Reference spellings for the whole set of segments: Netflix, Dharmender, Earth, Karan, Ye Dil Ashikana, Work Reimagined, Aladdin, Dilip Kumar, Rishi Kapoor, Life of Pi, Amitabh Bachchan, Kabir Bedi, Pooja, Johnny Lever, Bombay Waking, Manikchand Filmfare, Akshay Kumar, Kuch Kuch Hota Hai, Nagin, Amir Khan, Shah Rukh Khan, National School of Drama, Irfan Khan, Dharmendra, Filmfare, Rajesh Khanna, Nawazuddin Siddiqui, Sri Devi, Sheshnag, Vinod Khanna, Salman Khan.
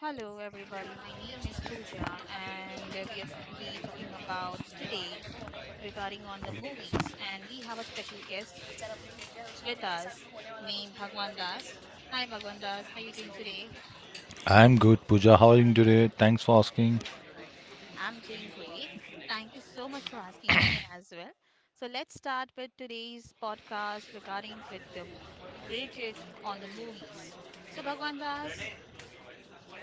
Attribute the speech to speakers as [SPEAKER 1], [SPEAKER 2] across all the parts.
[SPEAKER 1] Hello, everybody. My name is Pooja, and we are will be talking about today regarding on the movies. And we have a special guest with us named Bhagwan Das. Hi, Bhagwan Das. How are you doing today?
[SPEAKER 2] I'm good, Pooja. How are you today? Thanks for asking.
[SPEAKER 1] I'm doing great. Thank you so much for asking me as well. So let's start with today's podcast regarding with the related on the movies. So Bhagwan Das,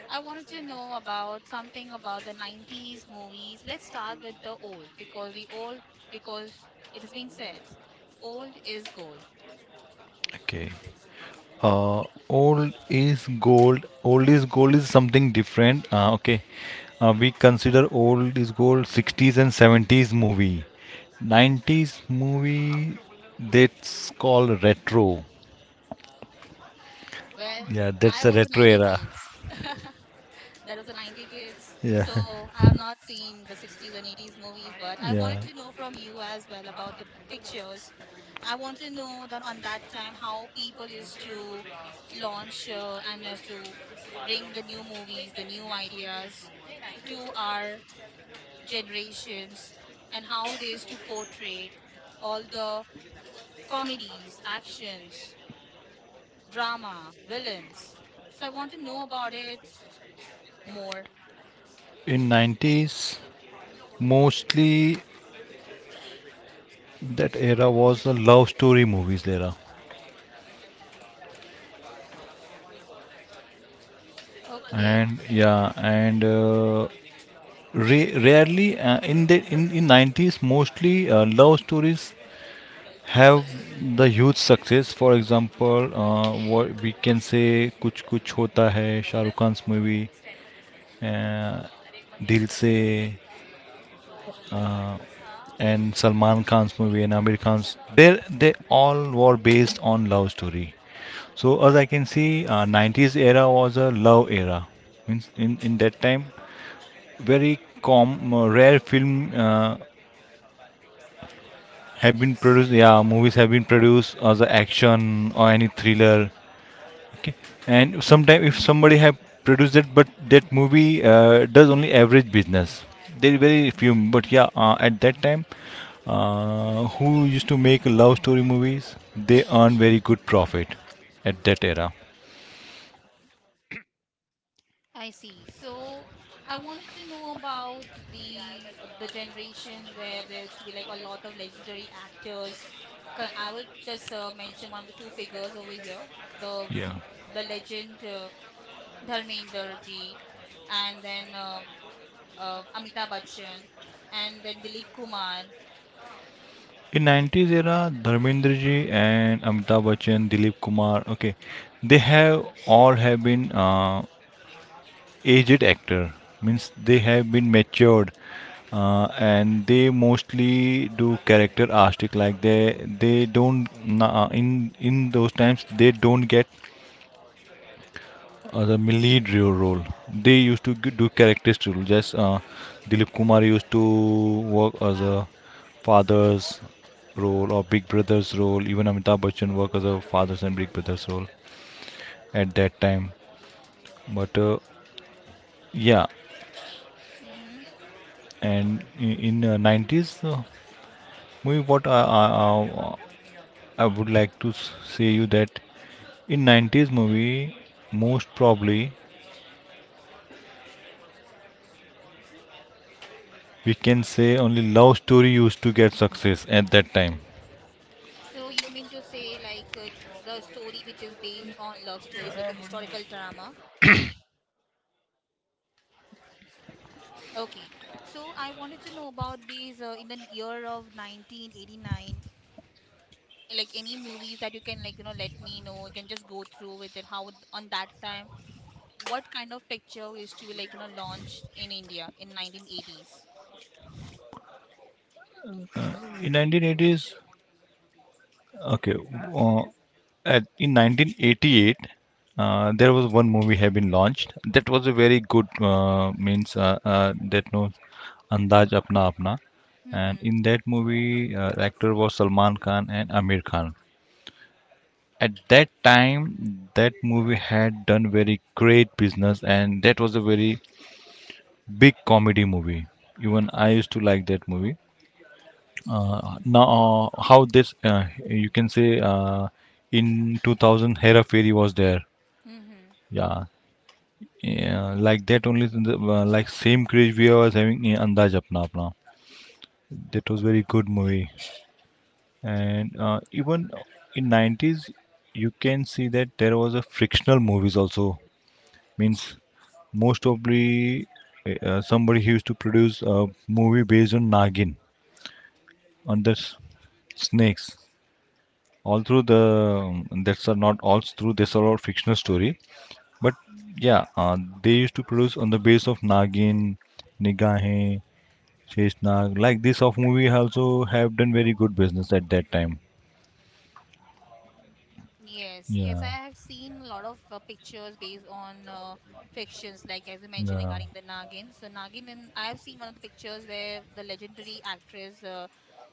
[SPEAKER 1] I wanted to know about something about the 90s movies. Let's start with the old because it has been said old is gold.
[SPEAKER 2] Okay. Uh, old is gold. Old is gold is something different. Okay. We consider old is gold 60s and 70s movie. 90s movie that's called retro.
[SPEAKER 1] Well,
[SPEAKER 2] Yeah, that's
[SPEAKER 1] I
[SPEAKER 2] a
[SPEAKER 1] was a
[SPEAKER 2] retro
[SPEAKER 1] 90
[SPEAKER 2] era.
[SPEAKER 1] kids. That was a 90 kids.
[SPEAKER 2] Yeah.
[SPEAKER 1] So I have not seen the 60s and 80s movies, but I
[SPEAKER 2] Yeah.
[SPEAKER 1] wanted to know from you as well about the pictures. I want to know that on that time how people used to launch and as to bring the new movies, the new ideas to our generations and how they used to portray all the comedies, actions, drama, villains. So I want to know about it more.
[SPEAKER 2] In 90s, mostly that era was the love story movies era.
[SPEAKER 1] Okay.
[SPEAKER 2] And yeah, and rarely, in 90s, mostly, love stories have the huge success. For example, what we can say Kuch Kuch Hota Hai, Shah Rukh Khan's movie, uh, Dil Se, uh, and Salman Khan's movie and Amir Khan's. They all were based on love story. So as I can see, 90s era was a love era. Means in that time, very com rare film have been
[SPEAKER 1] Movies.
[SPEAKER 2] produced. Yeah, movies have been produced as a action or any thriller. Okay. And sometimes if somebody have produced it, but that movie does only average business. There are very few, but yeah, at that time, who used to make love story movies, they earn very good profit at that era.
[SPEAKER 1] I see. So I wanted to know about the generations where there used to be like a lot of legendary actors. Okay, I will just mention one of the two figures over here. The
[SPEAKER 2] Yeah.
[SPEAKER 1] the legend Dharmender ji and then Amitabh
[SPEAKER 2] uh,
[SPEAKER 1] Bachchan, and then Dilip Kumar.
[SPEAKER 2] In 90s era, Dharmendra ji and Amitabh Bachchan, Dilip Kumar, okay, they have all have been aged actor. Means they have been matured, and they mostly do character artistic, like they don't in those times they don't get the role. They used to do characteristic role. Just Dilip Kumar used to work as a father's role or big brother's role. Even Amitabh Bachchan worked as a father's and big brother's role at that time. But yeah.
[SPEAKER 1] hmm
[SPEAKER 2] And in 90s movie, what I would like to say you that in 90s movie, most probably, we can say only love story used to get success at that time.
[SPEAKER 1] So you mean to say like it's the story which is based on love stories, like the historical drama? Okay. So I wanted to know about these in the year of 1989, like any movies that you can like let me know. You can just go through with it. How on that time, what kind of picture is to like launched in India in 1980s?
[SPEAKER 2] In 1980s, okay. Uh, at, in 1988, there was one movie had been launched that was a very good, means that no, Andaz Apna Apna. And
[SPEAKER 1] Mm-hmm.
[SPEAKER 2] in that movie, actor was Salman Khan and Amir Khan. At that time, that movie had done very great business, and that was a very big comedy movie. Even I used to like that movie. Now, how this, you can say, in 2000, Hera Fairy was there.
[SPEAKER 1] Mm-hmm.
[SPEAKER 2] Yeah, yeah, like that only. Like same craze we was having in Andaz Apna Apna. That was very good movie. And even in 90s, you can see that there was a frictional movies also. Means most probably, somebody used to produce a movie based on Nagin, on the snakes. All through the, that's are not all through this are all fictional story, but yeah, they used to produce on the base of Nagin, Nigahe, Sheshnag. Like this of movie also have done very good business at that time.
[SPEAKER 1] Yes,
[SPEAKER 2] Yeah,
[SPEAKER 1] yes, I have seen a lot of pictures based on fictions, like as you mentioned regarding the Nagin. So Nagin, and I have seen one of the pictures where the legendary actress, uh,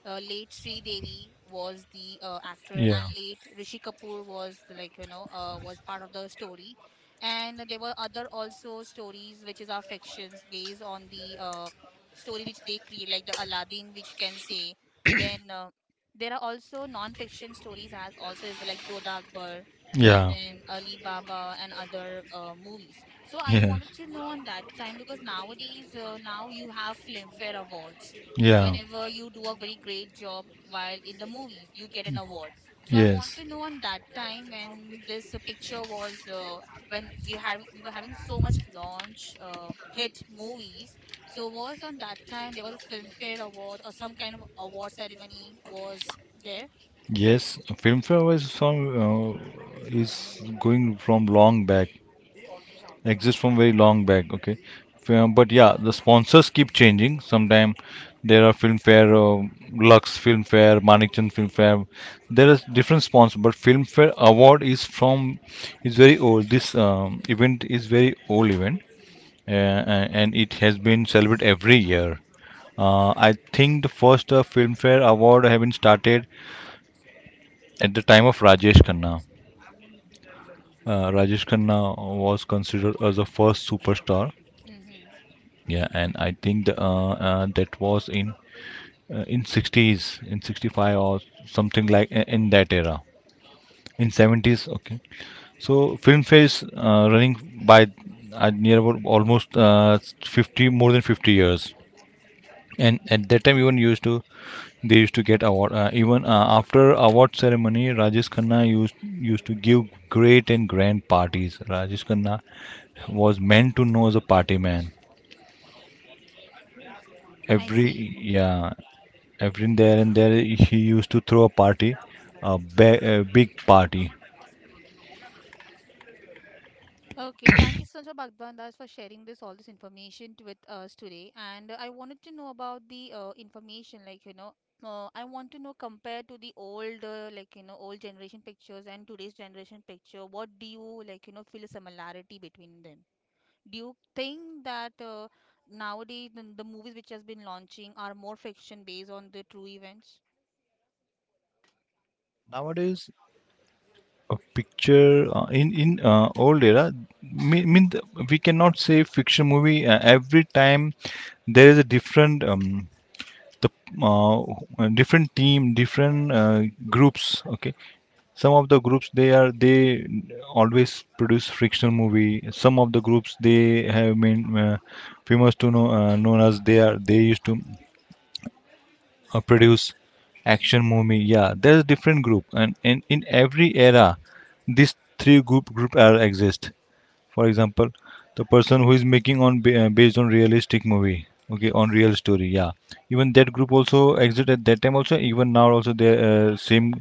[SPEAKER 1] uh, late Sri Devi, was the actor,
[SPEAKER 2] yeah, yeah.
[SPEAKER 1] and late Rishi Kapoor was like was part of the story, and there were other also stories which is our fictions based on the story which they create, like the Aladdin, which you can say then. There are also non-fiction stories as also is like Jodha Akbar and
[SPEAKER 2] Yeah.
[SPEAKER 1] then Ali Baba and other movies. So I
[SPEAKER 2] Yeah.
[SPEAKER 1] wanted to know on that time because nowadays now you have Filmfare awards. Whenever you do a very great job while in the movies, you get an award. So I
[SPEAKER 2] Yeah.
[SPEAKER 1] want
[SPEAKER 2] Yes.
[SPEAKER 1] to know on that time when this picture was when we were having so much launch hit movies so was on that time there was a Filmfare Award or some kind of award ceremony was there.
[SPEAKER 2] Yes, Filmfare was from, uh, is going from long back, exists from very long back. Okay, but yeah, the sponsors keep changing. Sometime there are Filmfare, Lux Filmfare, Manikchand Filmfare. There is different sponsors, but Filmfare Award is from, is very old. This, event is very old event, uh, and it has been celebrated every year. I think the first Filmfare Award have been started at the time of Rajesh Khanna. Rajesh Khanna was considered as the first superstar.
[SPEAKER 1] Mm-hmm.
[SPEAKER 2] Yeah, and I think that was in, in 60s, in 65, or something like in that era. In 70s, okay. So Filmfare is running by, near about almost, 50, more than 50 years. And at that time, even used to they used to get award. Even after award ceremony, Rajesh Khanna used to give great and grand parties. Rajesh Khanna was meant to know as a party man.
[SPEAKER 1] I see.
[SPEAKER 2] Every Yeah, every there and there he used to throw a party, a big party.
[SPEAKER 1] Okay, thank you so much, Bhagwan Das, for sharing this all this information with us today. And I wanted to know about the information, like I want to know compared to the old, like you know, old generation pictures and today's generation picture, what do you like, you know, feel a similarity between them? Do you think that nowadays the movies which has been launching are more fiction based on the true events?
[SPEAKER 2] Nowadays, a picture, in old era, mean, mean th- we cannot say fiction movie every time. There is a different, the different team, different groups, okay. Some of the groups, they always produce fictional movie. Some of the groups, they have been famous to know, known as they used to produce action
[SPEAKER 1] Mm-hmm.
[SPEAKER 2] movie. Yeah, there's different group. And in every era, these three group are exist. For example, the person who is making based on realistic movie, okay, on
[SPEAKER 1] Yes.
[SPEAKER 2] real story, yeah. Even that group also exist at that time also, even now also they same,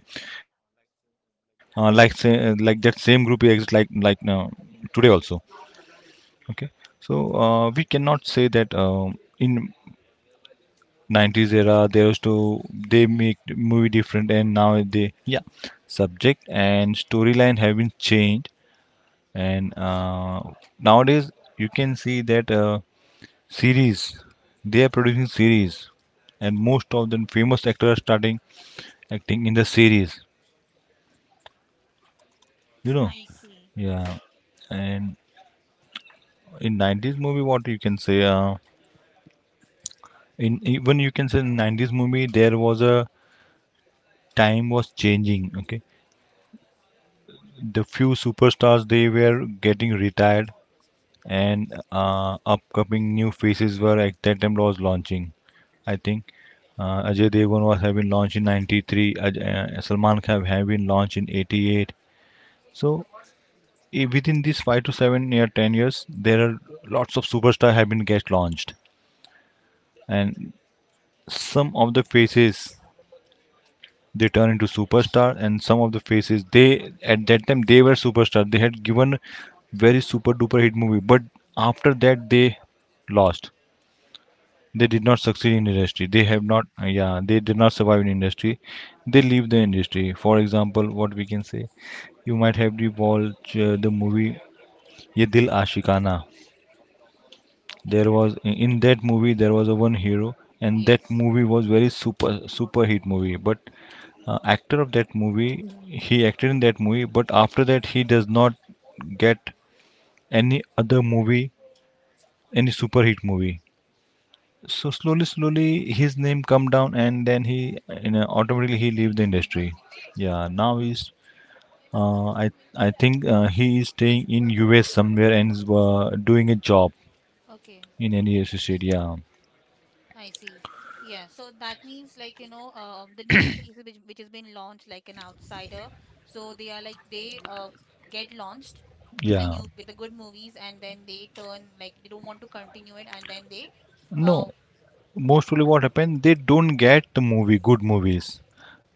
[SPEAKER 2] like that same group exists, like today also, okay. So we cannot say that, in 90s era there was to they
[SPEAKER 1] Mm-hmm.
[SPEAKER 2] make movie different and now they, yeah. Subject and storyline have been changed. And nowadays you can see that, series. They are producing series, and most of the famous actors starting acting in the series. You know,
[SPEAKER 1] I see.
[SPEAKER 2] yeah. And in 90s movie, what you can say? In even you can say in 90s movie, there was a time was changing. Okay, the few superstars they were getting retired, and upcoming new faces were at that time was launching. I think Ajay Devgn was having launched in 93. Salman Khan have been launched in 88. So within these 5 to 7 year, 10 years, there are lots of superstar have been get launched, and some of the faces they turn into superstar, and some of the faces they at that time they were superstar. They had given very super duper hit movie, but after that they lost. They did not succeed in industry. They have not,
[SPEAKER 1] Mm-hmm.
[SPEAKER 2] yeah, they did not survive in industry. They leave the industry. For example, what we can say, you might have watched the movie Ye Dil Ashikana. There was in that movie there was a one hero, and that
[SPEAKER 1] Yes.
[SPEAKER 2] movie was very super super hit movie. But actor of that movie, he acted in that movie, but after that he does not get any other movie, any super hit movie. So slowly, slowly his name come down, and then he, automatically he leave the industry.
[SPEAKER 1] Mm-hmm.
[SPEAKER 2] Yeah, now he's. I think he is staying in US somewhere and is doing a job
[SPEAKER 1] Okay.
[SPEAKER 2] in any associate. Yeah,
[SPEAKER 1] I see. Yeah. So that means like, you know, the new phase which has been launched like an outsider. So they are like they get launched with the
[SPEAKER 2] yeah.
[SPEAKER 1] new with the good movies and then they turn like they don't want to continue it and then they uh
[SPEAKER 2] No, mostly what happened, they don't get the movie, good movies.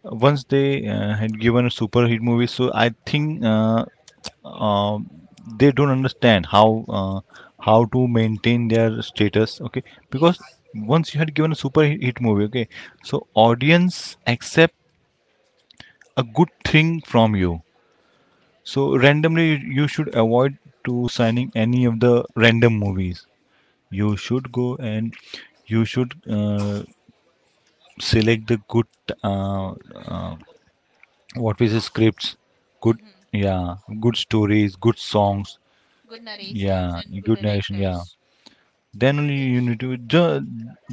[SPEAKER 2] Once they had given a super hit movie, so I think, uh, they don't understand how, how to maintain their status. Okay, because
[SPEAKER 1] yes.
[SPEAKER 2] once you had given a super hit movie, okay, so audience accept a good thing from you. So randomly, you should avoid to signing any of the random movies. You should go and you should select the good, uh, uh, what we say, scripts. Good,
[SPEAKER 1] Mm-hmm.
[SPEAKER 2] yeah. Good stories, good songs,
[SPEAKER 1] Good
[SPEAKER 2] yeah.
[SPEAKER 1] narrations and good
[SPEAKER 2] Good narration, yeah.
[SPEAKER 1] directors.
[SPEAKER 2] Then only you need to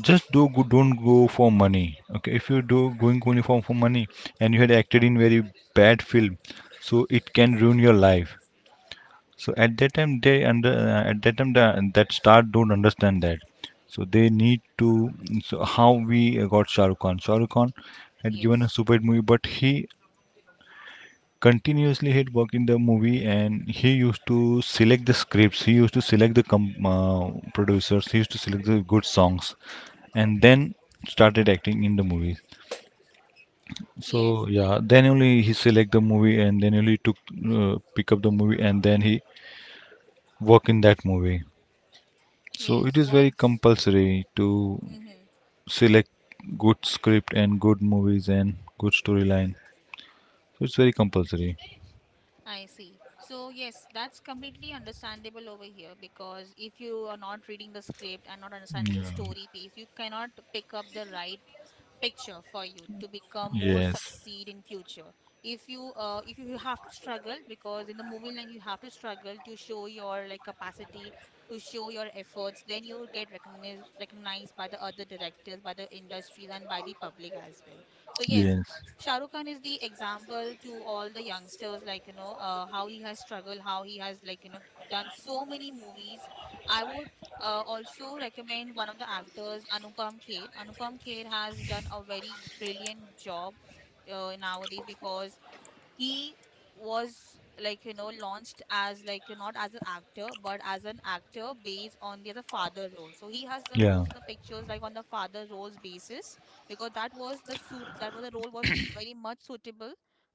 [SPEAKER 2] just don't go for money, okay. If you do going only for money and you had acted in very bad film, so it can ruin your life. So at that time they under at that time the, that star don't understand that. So they need to, so how we got Shah Rukh Khan. Shah Rukh Khan had given a
[SPEAKER 1] Yes.
[SPEAKER 2] super hit movie, but he continuously had work in the movie and he used to select the scripts. He used to select the producers. He used to select the good songs and then started acting in the movies.
[SPEAKER 1] Yes.
[SPEAKER 2] So yeah, then only he select the movie and then only took pick up the movie and then he work in that movie. So it
[SPEAKER 1] Yes.
[SPEAKER 2] is very
[SPEAKER 1] Once.
[SPEAKER 2] compulsory to
[SPEAKER 1] Hmm.
[SPEAKER 2] select good script and good movies and good storyline. So it's very compulsory.
[SPEAKER 1] I see. So, yes, that's completely understandable over here because if you are not reading the script and not understanding
[SPEAKER 2] Yeah.
[SPEAKER 1] the story piece, you cannot pick up the right picture for you to become more
[SPEAKER 2] Yes.
[SPEAKER 1] succeed in future. If you you have to struggle because in the movie line you have to struggle to show your like capacity, to show your efforts, then you get recognized by the other directors, by the industries and by the public as well. So yes,
[SPEAKER 2] Yes.
[SPEAKER 1] Shahrukh Khan is the example to all the youngsters, like, you know, how he has struggled, how he has, like, you know, done so many movies. I would also recommend one of the actors, Anupam Kher. Anupam Kher has done a very brilliant job nowadays because he was like launched as like not as an actor but as an actor based on the other father role, so he has done most of the pictures like on the father roles basis because that was the role was very much suitable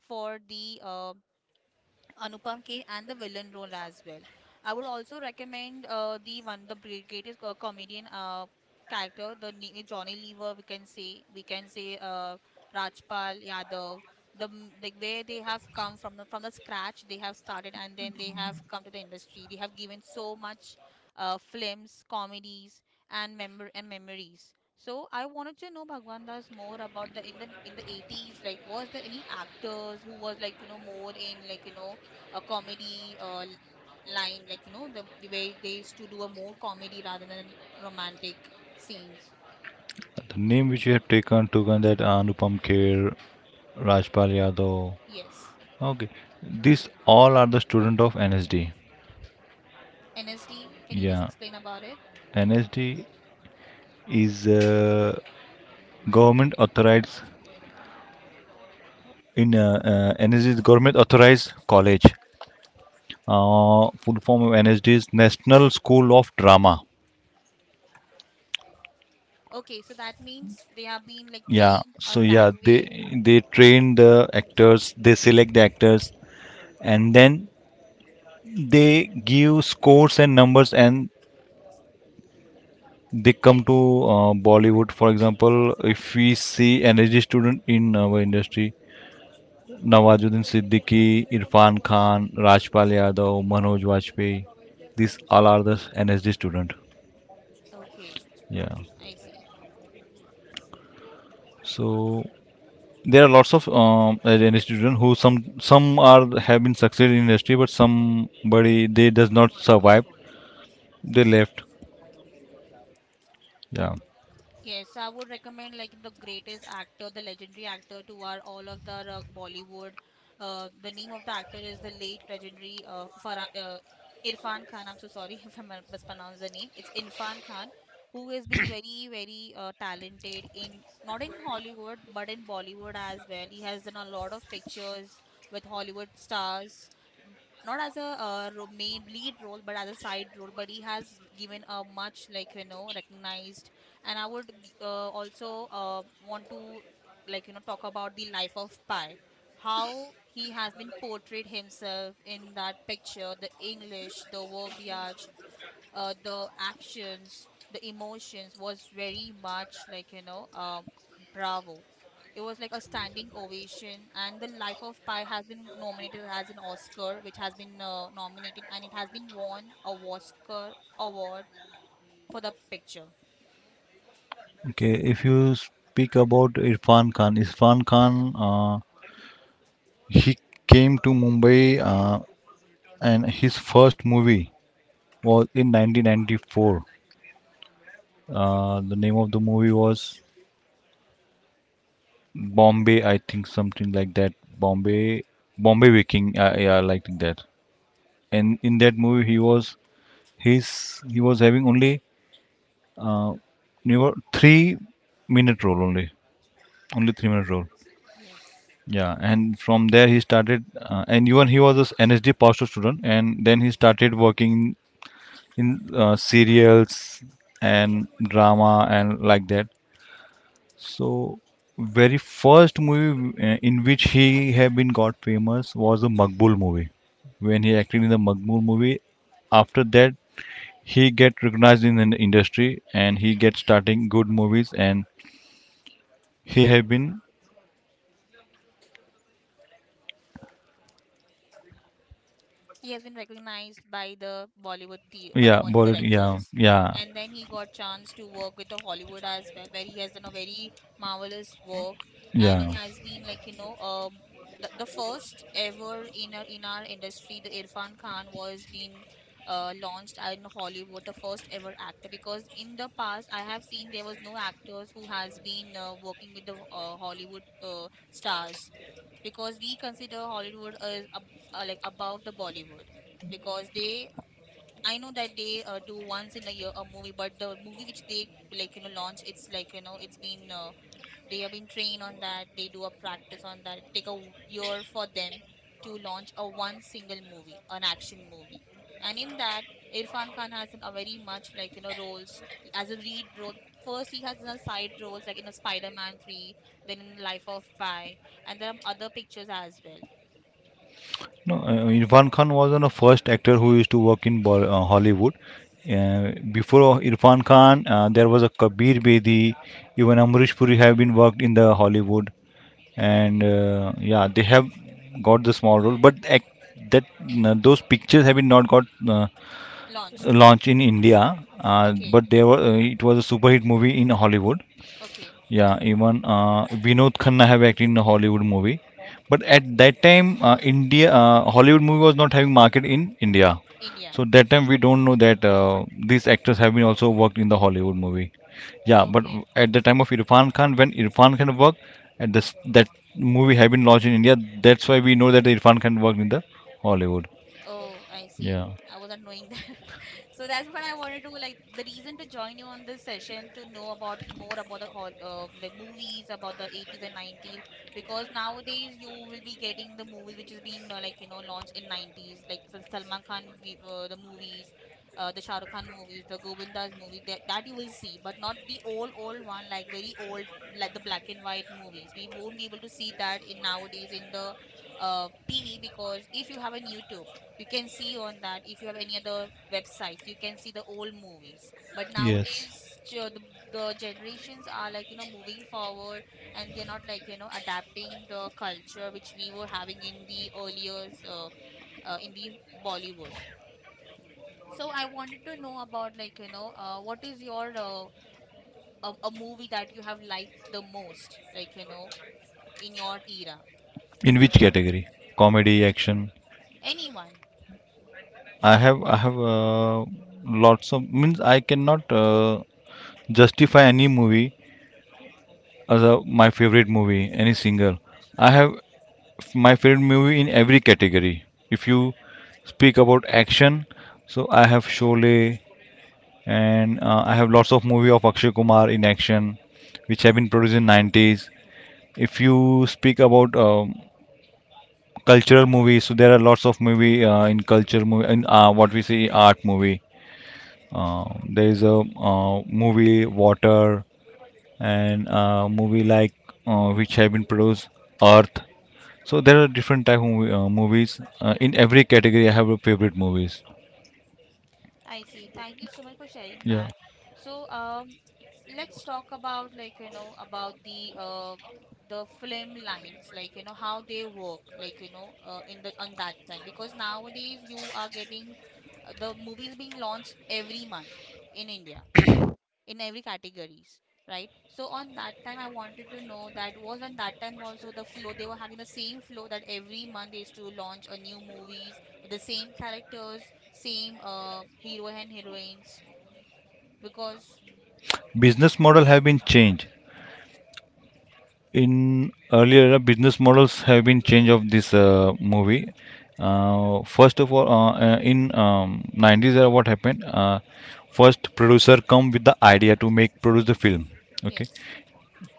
[SPEAKER 1] for the Anupam K and the villain role as well. I would also recommend the one the greatest comedian character the Johnny Lever, we can say, Rajpal Yadav, the like where they have come from from the scratch. They have started and then they have come to the industry. They have given so much films, comedies, and and memories. So I wanted to know, Bhagwan Das, more about the in the 80s, like was there any actors who was like more in like a comedy line, like the way they used to do a more comedy rather than romantic scenes.
[SPEAKER 2] Name which you have taken that Anupam Kher, Rajpal Yadav.
[SPEAKER 1] Yes,
[SPEAKER 2] Okay. These all are the student of NSD.
[SPEAKER 1] NSD. Can you just explain about it?
[SPEAKER 2] NSD is government authorized in NSD is government authorized college. Full form of NSD is National School of Drama.
[SPEAKER 1] Okay, so that means they have been like
[SPEAKER 2] Yeah,
[SPEAKER 1] trained
[SPEAKER 2] so
[SPEAKER 1] on that
[SPEAKER 2] yeah, they
[SPEAKER 1] way.
[SPEAKER 2] they train the actors, they select the actors, and then they give scores and numbers, and they come to Bollywood. For example, if we see NSD student in our industry, Nawazuddin Siddiqui, Irfan Khan, Rajpal Yadav, Manoj Vajpayee. These all are the NSD student.
[SPEAKER 1] Okay,
[SPEAKER 2] Yeah.
[SPEAKER 1] I see.
[SPEAKER 2] So there are lots of, NSD student who some are have been succeeded in industry, but somebody they does not survive. They left. Yeah.
[SPEAKER 1] Yes, I would recommend like the greatest actor, the legendary actor to our all of the Bollywood. The name of the actor is the late legendary Irfan Khan. I'm so sorry if I mispronounced the name. It's Irfan Khan, who has been very, very talented in not in Hollywood but in Bollywood as well. He has done a lot of pictures with Hollywood stars, not as a main lead role but as a side role, but he has given a much like recognized. And I would also want to like talk about The Life of Pi, how he has been portrayed himself in that picture. The English, the verbiage, the actions, the emotions was very much like bravo. It was like a standing ovation, and The Life of Pi has been nominated as an Oscar, which has been nominated and it has been won a Oscar award for the picture.
[SPEAKER 2] Okay. If you speak about Irfan Khan, Irfan Khan, he came to Mumbai, and his first movie was in 1994. The name of the movie was Bombay, I think something like that. Bombay, Bombay Waking. Yeah, like that. And in that movie, he was having only, uh, never 3 minute role only, only 3 minute role.
[SPEAKER 1] Yes.
[SPEAKER 2] Yeah, and from there he started, and even he was a NSD Pastor student, and then he started working in, serials and drama and like that. So, very first movie, in which he had been got famous was the Makbul movie. When he acted in the Makbul movie, after that he get recognized in an industry and he get starting good movies and he have been.
[SPEAKER 1] He has been recognized by the by the
[SPEAKER 2] Yeah,
[SPEAKER 1] Bollywood
[SPEAKER 2] Bollywood.
[SPEAKER 1] directors.
[SPEAKER 2] Yeah.
[SPEAKER 1] And then he got chance to work with the Hollywood as well, where he has done a very marvelous work, and
[SPEAKER 2] Yeah.
[SPEAKER 1] he
[SPEAKER 2] Yeah.
[SPEAKER 1] has been like the first ever in our industry, the Irfan Khan was being launched in Hollywood, the first ever actor. Because in the past, I have seen there was no actors who has been working with the Hollywood stars because we consider Hollywood as ab like above the Bollywood because they I know that they do once in a year a movie, but the movie which they like launch, it's like it's been they have been trained on that, they do a practice on that, it take a year for them to launch a one single movie, an action movie. And in that, Irfan Khan has done a very much like roles as a lead role. First he has done side roles like in a Spider-Man 3, then in Life of Pi, and there are other pictures as well.
[SPEAKER 2] No, Irfan Khan was one of the first actor who used to work in Hollywood. Before Irfan Khan, there was a Kabir Bedi. Even Amrish Puri have been worked in the Hollywood, and, yeah, they have got the small role. But act- that those pictures have been not got,
[SPEAKER 1] Launched.
[SPEAKER 2] launched in India.
[SPEAKER 1] Okay.
[SPEAKER 2] But there were it was a super hit movie in Hollywood.
[SPEAKER 1] Okay.
[SPEAKER 2] Yeah, even, Vinod Khanna have acted in a Hollywood movie, but at that time, India Hollywood movie was not having market in India,
[SPEAKER 1] India.
[SPEAKER 2] so that time we don't know that, these actors have been also worked in the Hollywood movie. Yeah, but
[SPEAKER 1] Okay.
[SPEAKER 2] at the time of Irfan Khan, when Irfan Khan worked, at this that movie have been launched in India, that's why we know that Irfan Khan worked in the Hollywood.
[SPEAKER 1] Oh, I see,
[SPEAKER 2] Yeah.
[SPEAKER 1] I wasn't knowing. So that's what I wanted to like the reason to join you on this session, to know about more about the hall like movies about the 80s and 90s. Because nowadays you will be getting the movies which has been like launched in 90s, like the Salman Khan the movies, the Shah Rukh Khan movies, the Govinda's movie, that you will see, but not the old old one like very old, like the black and white movies. We won't be able to see that in nowadays in the TV because if you have a YouTube, you can see on that if you have any other websites. You can see the old movies, but
[SPEAKER 2] Yes.
[SPEAKER 1] nowadays the generations are moving forward and they're not adapting the culture which we were having in the earlier in the Bollywood. So I wanted to know about what is your a movie that you have liked the most, in your era.
[SPEAKER 2] In which category? Comedy, action?
[SPEAKER 1] Anyone?
[SPEAKER 2] I have, lots of means I cannot, justify any movie as my favorite movie, any single. I have my favorite movie in every category. If you speak about action, so I have Sholay and, I have lots of movie of Akshay Kumar in action, which have been produced in 90s. If you speak about, cultural movies. So there are lots of movie, in culture movie in, what we see art movie. Uh, there is a, movie Water and movie like, which have been produced Earth. So there are different type of movies, in every category. I have a favorite movies.
[SPEAKER 1] I see. Thank you so much for sharing
[SPEAKER 2] Yeah.
[SPEAKER 1] that. So, let's talk about, like, you know, about the film lines, like, you know, how they work, like, you know, in the on that time. Because nowadays you are getting the movies being launched every month in India, in every categories, right? So on that time, I wanted to know, that was on that time also the flow, they were having the same flow, that every month they used to launch a new movies with the same characters, same hero and heroines, because
[SPEAKER 2] Business model have been changed. In earlier era, business models have been changed of this, movie. First of all, in, 90s era, what happened, first producer come with the idea to make produce the film. Okay.
[SPEAKER 1] yes.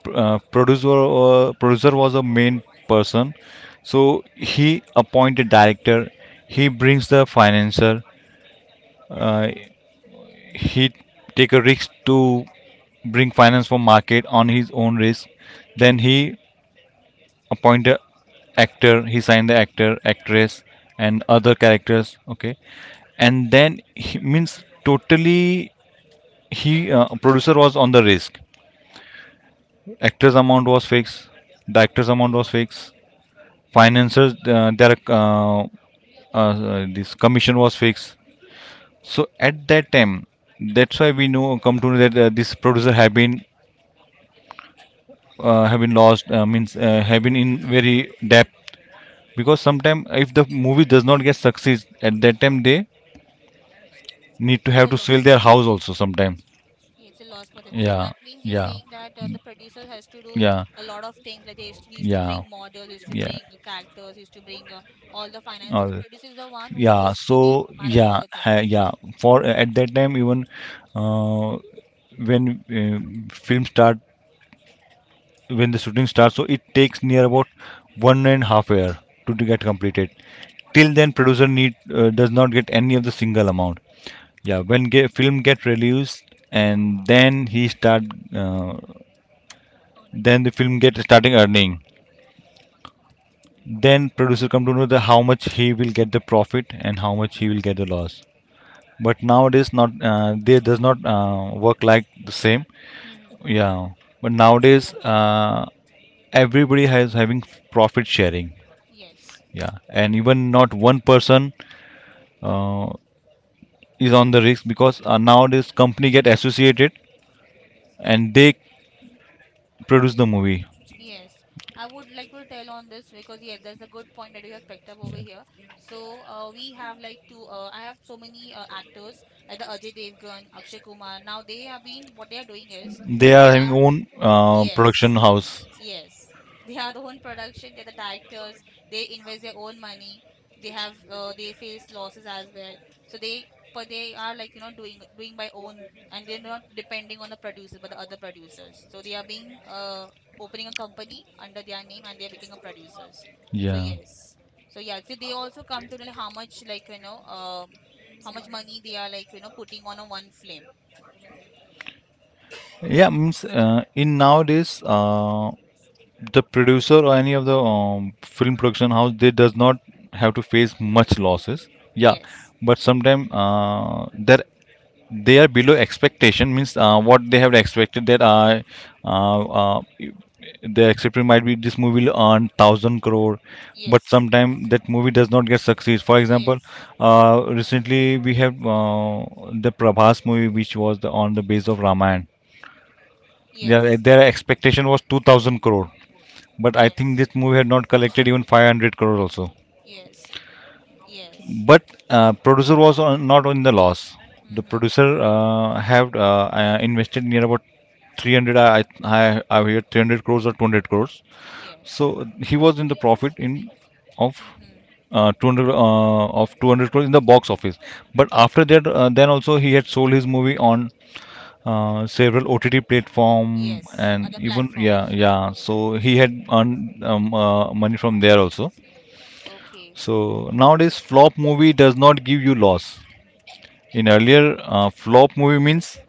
[SPEAKER 2] Producer was a main person, so he appointed director. He brings the financer. uh, he take a risk to bring finance from market on his own risk. Then he appoint a actor, he signed the actor, actress and other characters. Okay. And then he, means totally he, producer was on the risk. Actors amount was fixed, the amount was fixed. Financiers, their, this commission was fixed. So at that time, that's why we know come to know that, this producer have been, have been lost, means, have been in
[SPEAKER 1] Mm-hmm.
[SPEAKER 2] very debt, because sometimes if the movie does not get success, at that time they need to
[SPEAKER 1] It's
[SPEAKER 2] have
[SPEAKER 1] a
[SPEAKER 2] to sell
[SPEAKER 1] loss for
[SPEAKER 2] their
[SPEAKER 1] them.
[SPEAKER 2] house also sometime.
[SPEAKER 1] Yeah, it's a loss for them. So
[SPEAKER 2] Yeah.
[SPEAKER 1] that means you're
[SPEAKER 2] Yeah.
[SPEAKER 1] saying that the producers has to do
[SPEAKER 2] Yeah.
[SPEAKER 1] a lot of things, like they used to, he used to bring
[SPEAKER 2] Yeah.
[SPEAKER 1] models, he used to
[SPEAKER 2] Yeah.
[SPEAKER 1] bring the characters, he used to bring all the finance. So the
[SPEAKER 2] All.
[SPEAKER 1] producer is the one who
[SPEAKER 2] Yeah.
[SPEAKER 1] was to
[SPEAKER 2] So
[SPEAKER 1] be manage all
[SPEAKER 2] yeah.
[SPEAKER 1] the things.
[SPEAKER 2] Yeah. For at that time, even, uh, when, film start, when the shooting starts, so it takes near about one and half year to get completed. Till then producer need does not get any of the single amount. Yeah, when film get released, and then he start uh, then the film get starting earning. Then producer come to know the how much he will get the profit and how much he will get the loss. But nowadays not they does not, work like the same.
[SPEAKER 1] Hmm.
[SPEAKER 2] Yeah. But nowadays, everybody has having profit sharing.
[SPEAKER 1] Yes,
[SPEAKER 2] Yeah. And even not one person, uh, is on the risk because, nowadays company get associated and they produce the movie.
[SPEAKER 1] yes. I would like to tell on this because yeah, that's a good point that you have picked up over here. So we have like two. I have so many actors like the Ajay Devgan, Akshay Kumar. Now they have been, what they are doing is
[SPEAKER 2] They
[SPEAKER 1] they
[SPEAKER 2] are having
[SPEAKER 1] are…
[SPEAKER 2] own, production
[SPEAKER 1] Yes,
[SPEAKER 2] house.
[SPEAKER 1] yes. They are the own production. They're the directors. They invest their own money. They have they face losses as well. So they, but they are, doing by own and they're not depending on the producers but the other producers. So they are being opening a company under their name and they're becoming a producers. So
[SPEAKER 2] Yeah.
[SPEAKER 1] yes. So yeah. So they also come to know, like, how much, how much money they are putting on a one film.
[SPEAKER 2] Yeah, means, in nowadays, the producer or any of the, film production house, they does not have to face much losses. Yeah.
[SPEAKER 1] Yes.
[SPEAKER 2] But sometimes, that they are below expectation, means, what they have expected, that, uh, uh, the expectation might be this movie will earn thousand crore. But
[SPEAKER 1] Yes.
[SPEAKER 2] sometimes that movie does not get succeed. For example,
[SPEAKER 1] Yes.
[SPEAKER 2] recently we have, the Prabhas movie which was on the base of Raman. Yeah,
[SPEAKER 1] Yes.
[SPEAKER 2] their expectation was 2000 crore, but I think
[SPEAKER 1] Yes.
[SPEAKER 2] this movie had not collected even 500 crore also.
[SPEAKER 1] Yes. Yes.
[SPEAKER 2] But, producer was on, not on the loss. The
[SPEAKER 1] Mm-hmm.
[SPEAKER 2] producer, have, invested near about 300. I hear 300 crores or 200 crores.
[SPEAKER 1] Yes.
[SPEAKER 2] So he was in the profit in of,
[SPEAKER 1] Mm-hmm.
[SPEAKER 2] 200, of 200 crores in the box office. But after that, then also he had sold his movie on, several OTT platform.
[SPEAKER 1] Yes.
[SPEAKER 2] And
[SPEAKER 1] Other
[SPEAKER 2] even, yeah,
[SPEAKER 1] platforms.
[SPEAKER 2] yeah. So he had earned, money from there also.
[SPEAKER 1] Okay.
[SPEAKER 2] So nowadays, flop movie does not give you loss. In earlier, flop movie means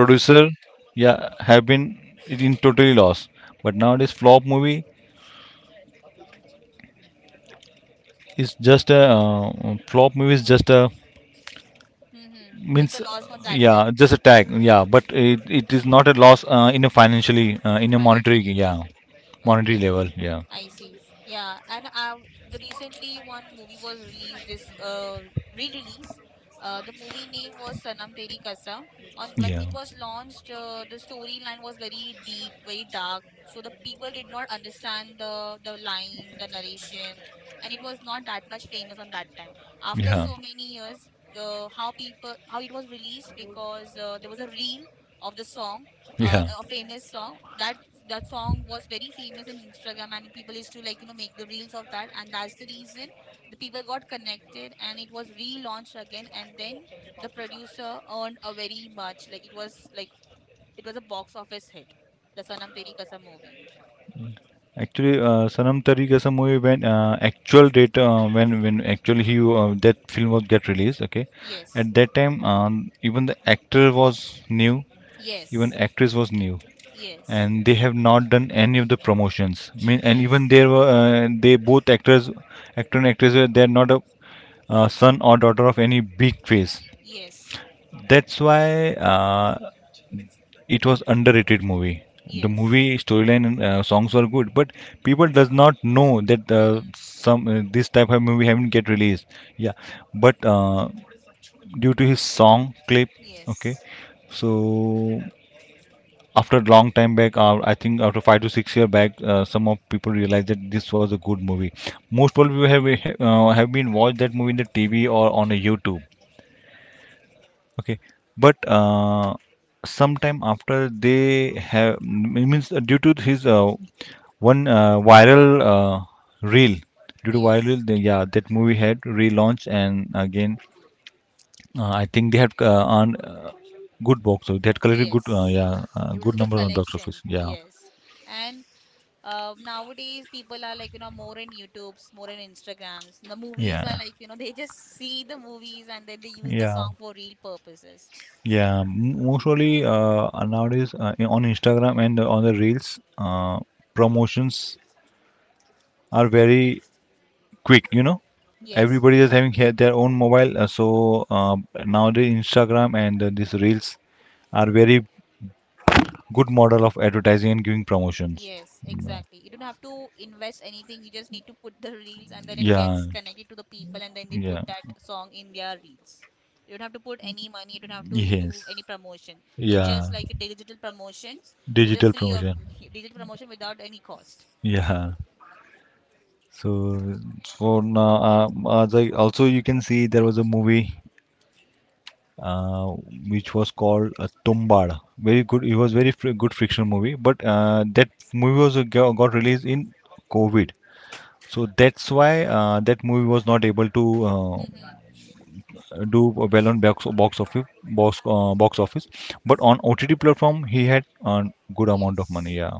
[SPEAKER 1] It's a flop.
[SPEAKER 2] yeah, have been in totally loss. But nowadays, flop movie is just a,
[SPEAKER 1] Mm-hmm. It's
[SPEAKER 2] means,
[SPEAKER 1] a loss on that time.
[SPEAKER 2] yeah, just a tag, yeah. But it is not a loss, in a financially, in a monetary,
[SPEAKER 1] Financially.
[SPEAKER 2] yeah, monetary
[SPEAKER 1] Okay.
[SPEAKER 2] level, yeah.
[SPEAKER 1] I see. Yeah, and I, the recently one movie was released, this re-release. The movie name was Sanam Teri Kasam. On when it was launched, the storyline was very deep, very dark. So the people did not understand the line, the narration, and it was not that much famous on that time. After so many years, the how people how it was released, because there was a reel of the song,
[SPEAKER 2] of
[SPEAKER 1] a famous song, that that song was very famous in Instagram and people used to make the reels of that, and that's the reason the people got
[SPEAKER 2] expected,
[SPEAKER 1] connected and it was relaunched again. And then the producer earned a very much, like it was a box office hit, the Sanam Teri Kasam movie.
[SPEAKER 2] Actually, Sanam Tari Kasam movie, when actually he that film was get released. Okay,
[SPEAKER 1] Yes,
[SPEAKER 2] at that time, even the actor was new, yes, even, yes,
[SPEAKER 1] yes,
[SPEAKER 2] actress was new,
[SPEAKER 1] yes,
[SPEAKER 2] and they have not done any of the promotions. I mean, and even
[SPEAKER 1] yes,
[SPEAKER 2] there were they both actors, actor and actress were they are not a, son or daughter of any big face.
[SPEAKER 1] yes,
[SPEAKER 2] That's why. It was underrated movie. The movie
[SPEAKER 1] yes.
[SPEAKER 2] storyline and, songs were good, but people does not know that,
[SPEAKER 1] Mm-hmm.
[SPEAKER 2] some this type of movie haven't get released. Yeah, but, due to his song clip. Okay.
[SPEAKER 1] Yes,
[SPEAKER 2] So after a long time back, I think after 5 to 6 year back, some of people realized that this was a good movie. Most people have, been watched that movie in the TV or on a YouTube. Okay, but, sometime after they have it means, due to his, one, viral, uh, reel. Due to
[SPEAKER 1] yes,
[SPEAKER 2] viral, yeah, that movie had relaunched and again, I think they had, earned, good box office. They had collected
[SPEAKER 1] yes, it was
[SPEAKER 2] good
[SPEAKER 1] a good
[SPEAKER 2] number on box
[SPEAKER 1] collection.
[SPEAKER 2] office. Yeah.
[SPEAKER 1] Yes. And nowadays, people are like, you know, more in YouTubes, more in Instagrams. The movies are
[SPEAKER 2] Yeah.
[SPEAKER 1] like, you know, they just see the movies and then they use the
[SPEAKER 2] Yeah.
[SPEAKER 1] song for real purposes.
[SPEAKER 2] Yeah, mostly, nowadays, on Instagram and on the Reels, uh, promotions are very quick. You know,
[SPEAKER 1] Yes,
[SPEAKER 2] everybody is having their own mobile, so, uh, nowadays Instagram and, these Reels are very good model of advertising and giving promotions.
[SPEAKER 1] yes,
[SPEAKER 2] Yeah.
[SPEAKER 1] exactly. You don't have to invest anything. You just need to put the reels and then it
[SPEAKER 2] Yeah.
[SPEAKER 1] gets connected to the people and then they put
[SPEAKER 2] Yeah.
[SPEAKER 1] that song in their reels. You don't have to put any money. You don't have to do
[SPEAKER 2] Yes.
[SPEAKER 1] any promotion. It's
[SPEAKER 2] Yeah.
[SPEAKER 1] just like a digital promotions. It's a
[SPEAKER 2] Digital
[SPEAKER 1] free of
[SPEAKER 2] promotion.
[SPEAKER 1] digital promotion without any cost.
[SPEAKER 2] Yeah. So for now, as I also you can see there was a movie, uh, which was called, Tombada. Very good. It was very fr good friction movie. But, that movie was, got released in COVID. So that's why, that movie was not able to,
[SPEAKER 1] Mm-hmm.
[SPEAKER 2] do well on box office, but on OTT platform he had a good amount of money.
[SPEAKER 1] Yes.
[SPEAKER 2] Yeah.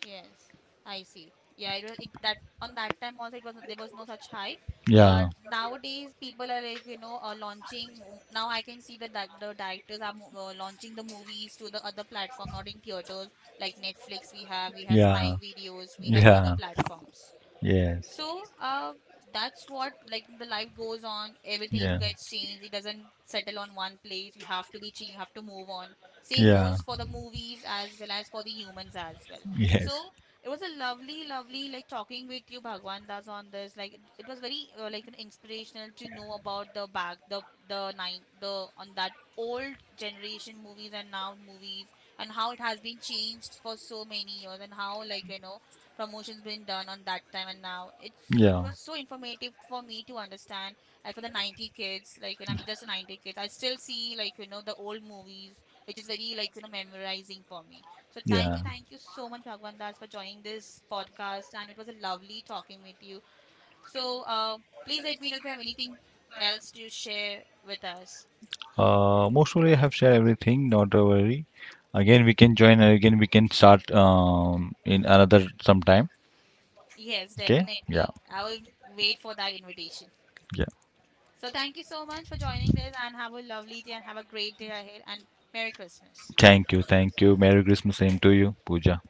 [SPEAKER 1] Yes, I see. Yeah, it was it that on that time also it was there was no such hype, but
[SPEAKER 2] Yeah.
[SPEAKER 1] nowadays people are launching. Now I can see that the directors are launching the movies to the other platform, not in theaters, like Netflix. We have, we have
[SPEAKER 2] Yeah.
[SPEAKER 1] Prime videos, we have other
[SPEAKER 2] Yeah.
[SPEAKER 1] platforms.
[SPEAKER 2] Yes.
[SPEAKER 1] So that's what, like, the life goes on. Everything gets changed. It doesn't settle on one place. You have to be changed. You have to move on. Same
[SPEAKER 2] Yeah.
[SPEAKER 1] goes for the movies as well as for the humans as well.
[SPEAKER 2] Yeah.
[SPEAKER 1] So it was a lovely, lovely, like, talking with you,
[SPEAKER 2] Yes.
[SPEAKER 1] Bhagwan Das, on this. Like it was very inspirational to know about the back the nine the on that old generation movies and now movies, and how it has been changed for so many years, and how promotions been done on that time and now. It's, it
[SPEAKER 2] Yeah.
[SPEAKER 1] was so informative for me to understand, and for the 90 kids, like, and I'm just a 90 kids, I still see the old movies which is very memorizing for me. So thank you so much, Bhagwan Das, for joining this podcast, and it was a lovely talking with you. So please let me know if you have anything else to share with us.
[SPEAKER 2] Mostly I have shared everything. Not to worry. Again, we can join. Again, we can start, in another sometime.
[SPEAKER 1] Yes,
[SPEAKER 2] Okay? Yeah.
[SPEAKER 1] definitely. I will wait for that invitation.
[SPEAKER 2] Yeah.
[SPEAKER 1] So thank you so much for joining this, and have a lovely day, and have a great day ahead, and Merry Christmas.
[SPEAKER 2] Thank you. Thank you. Merry Christmas. Same to you, Pooja.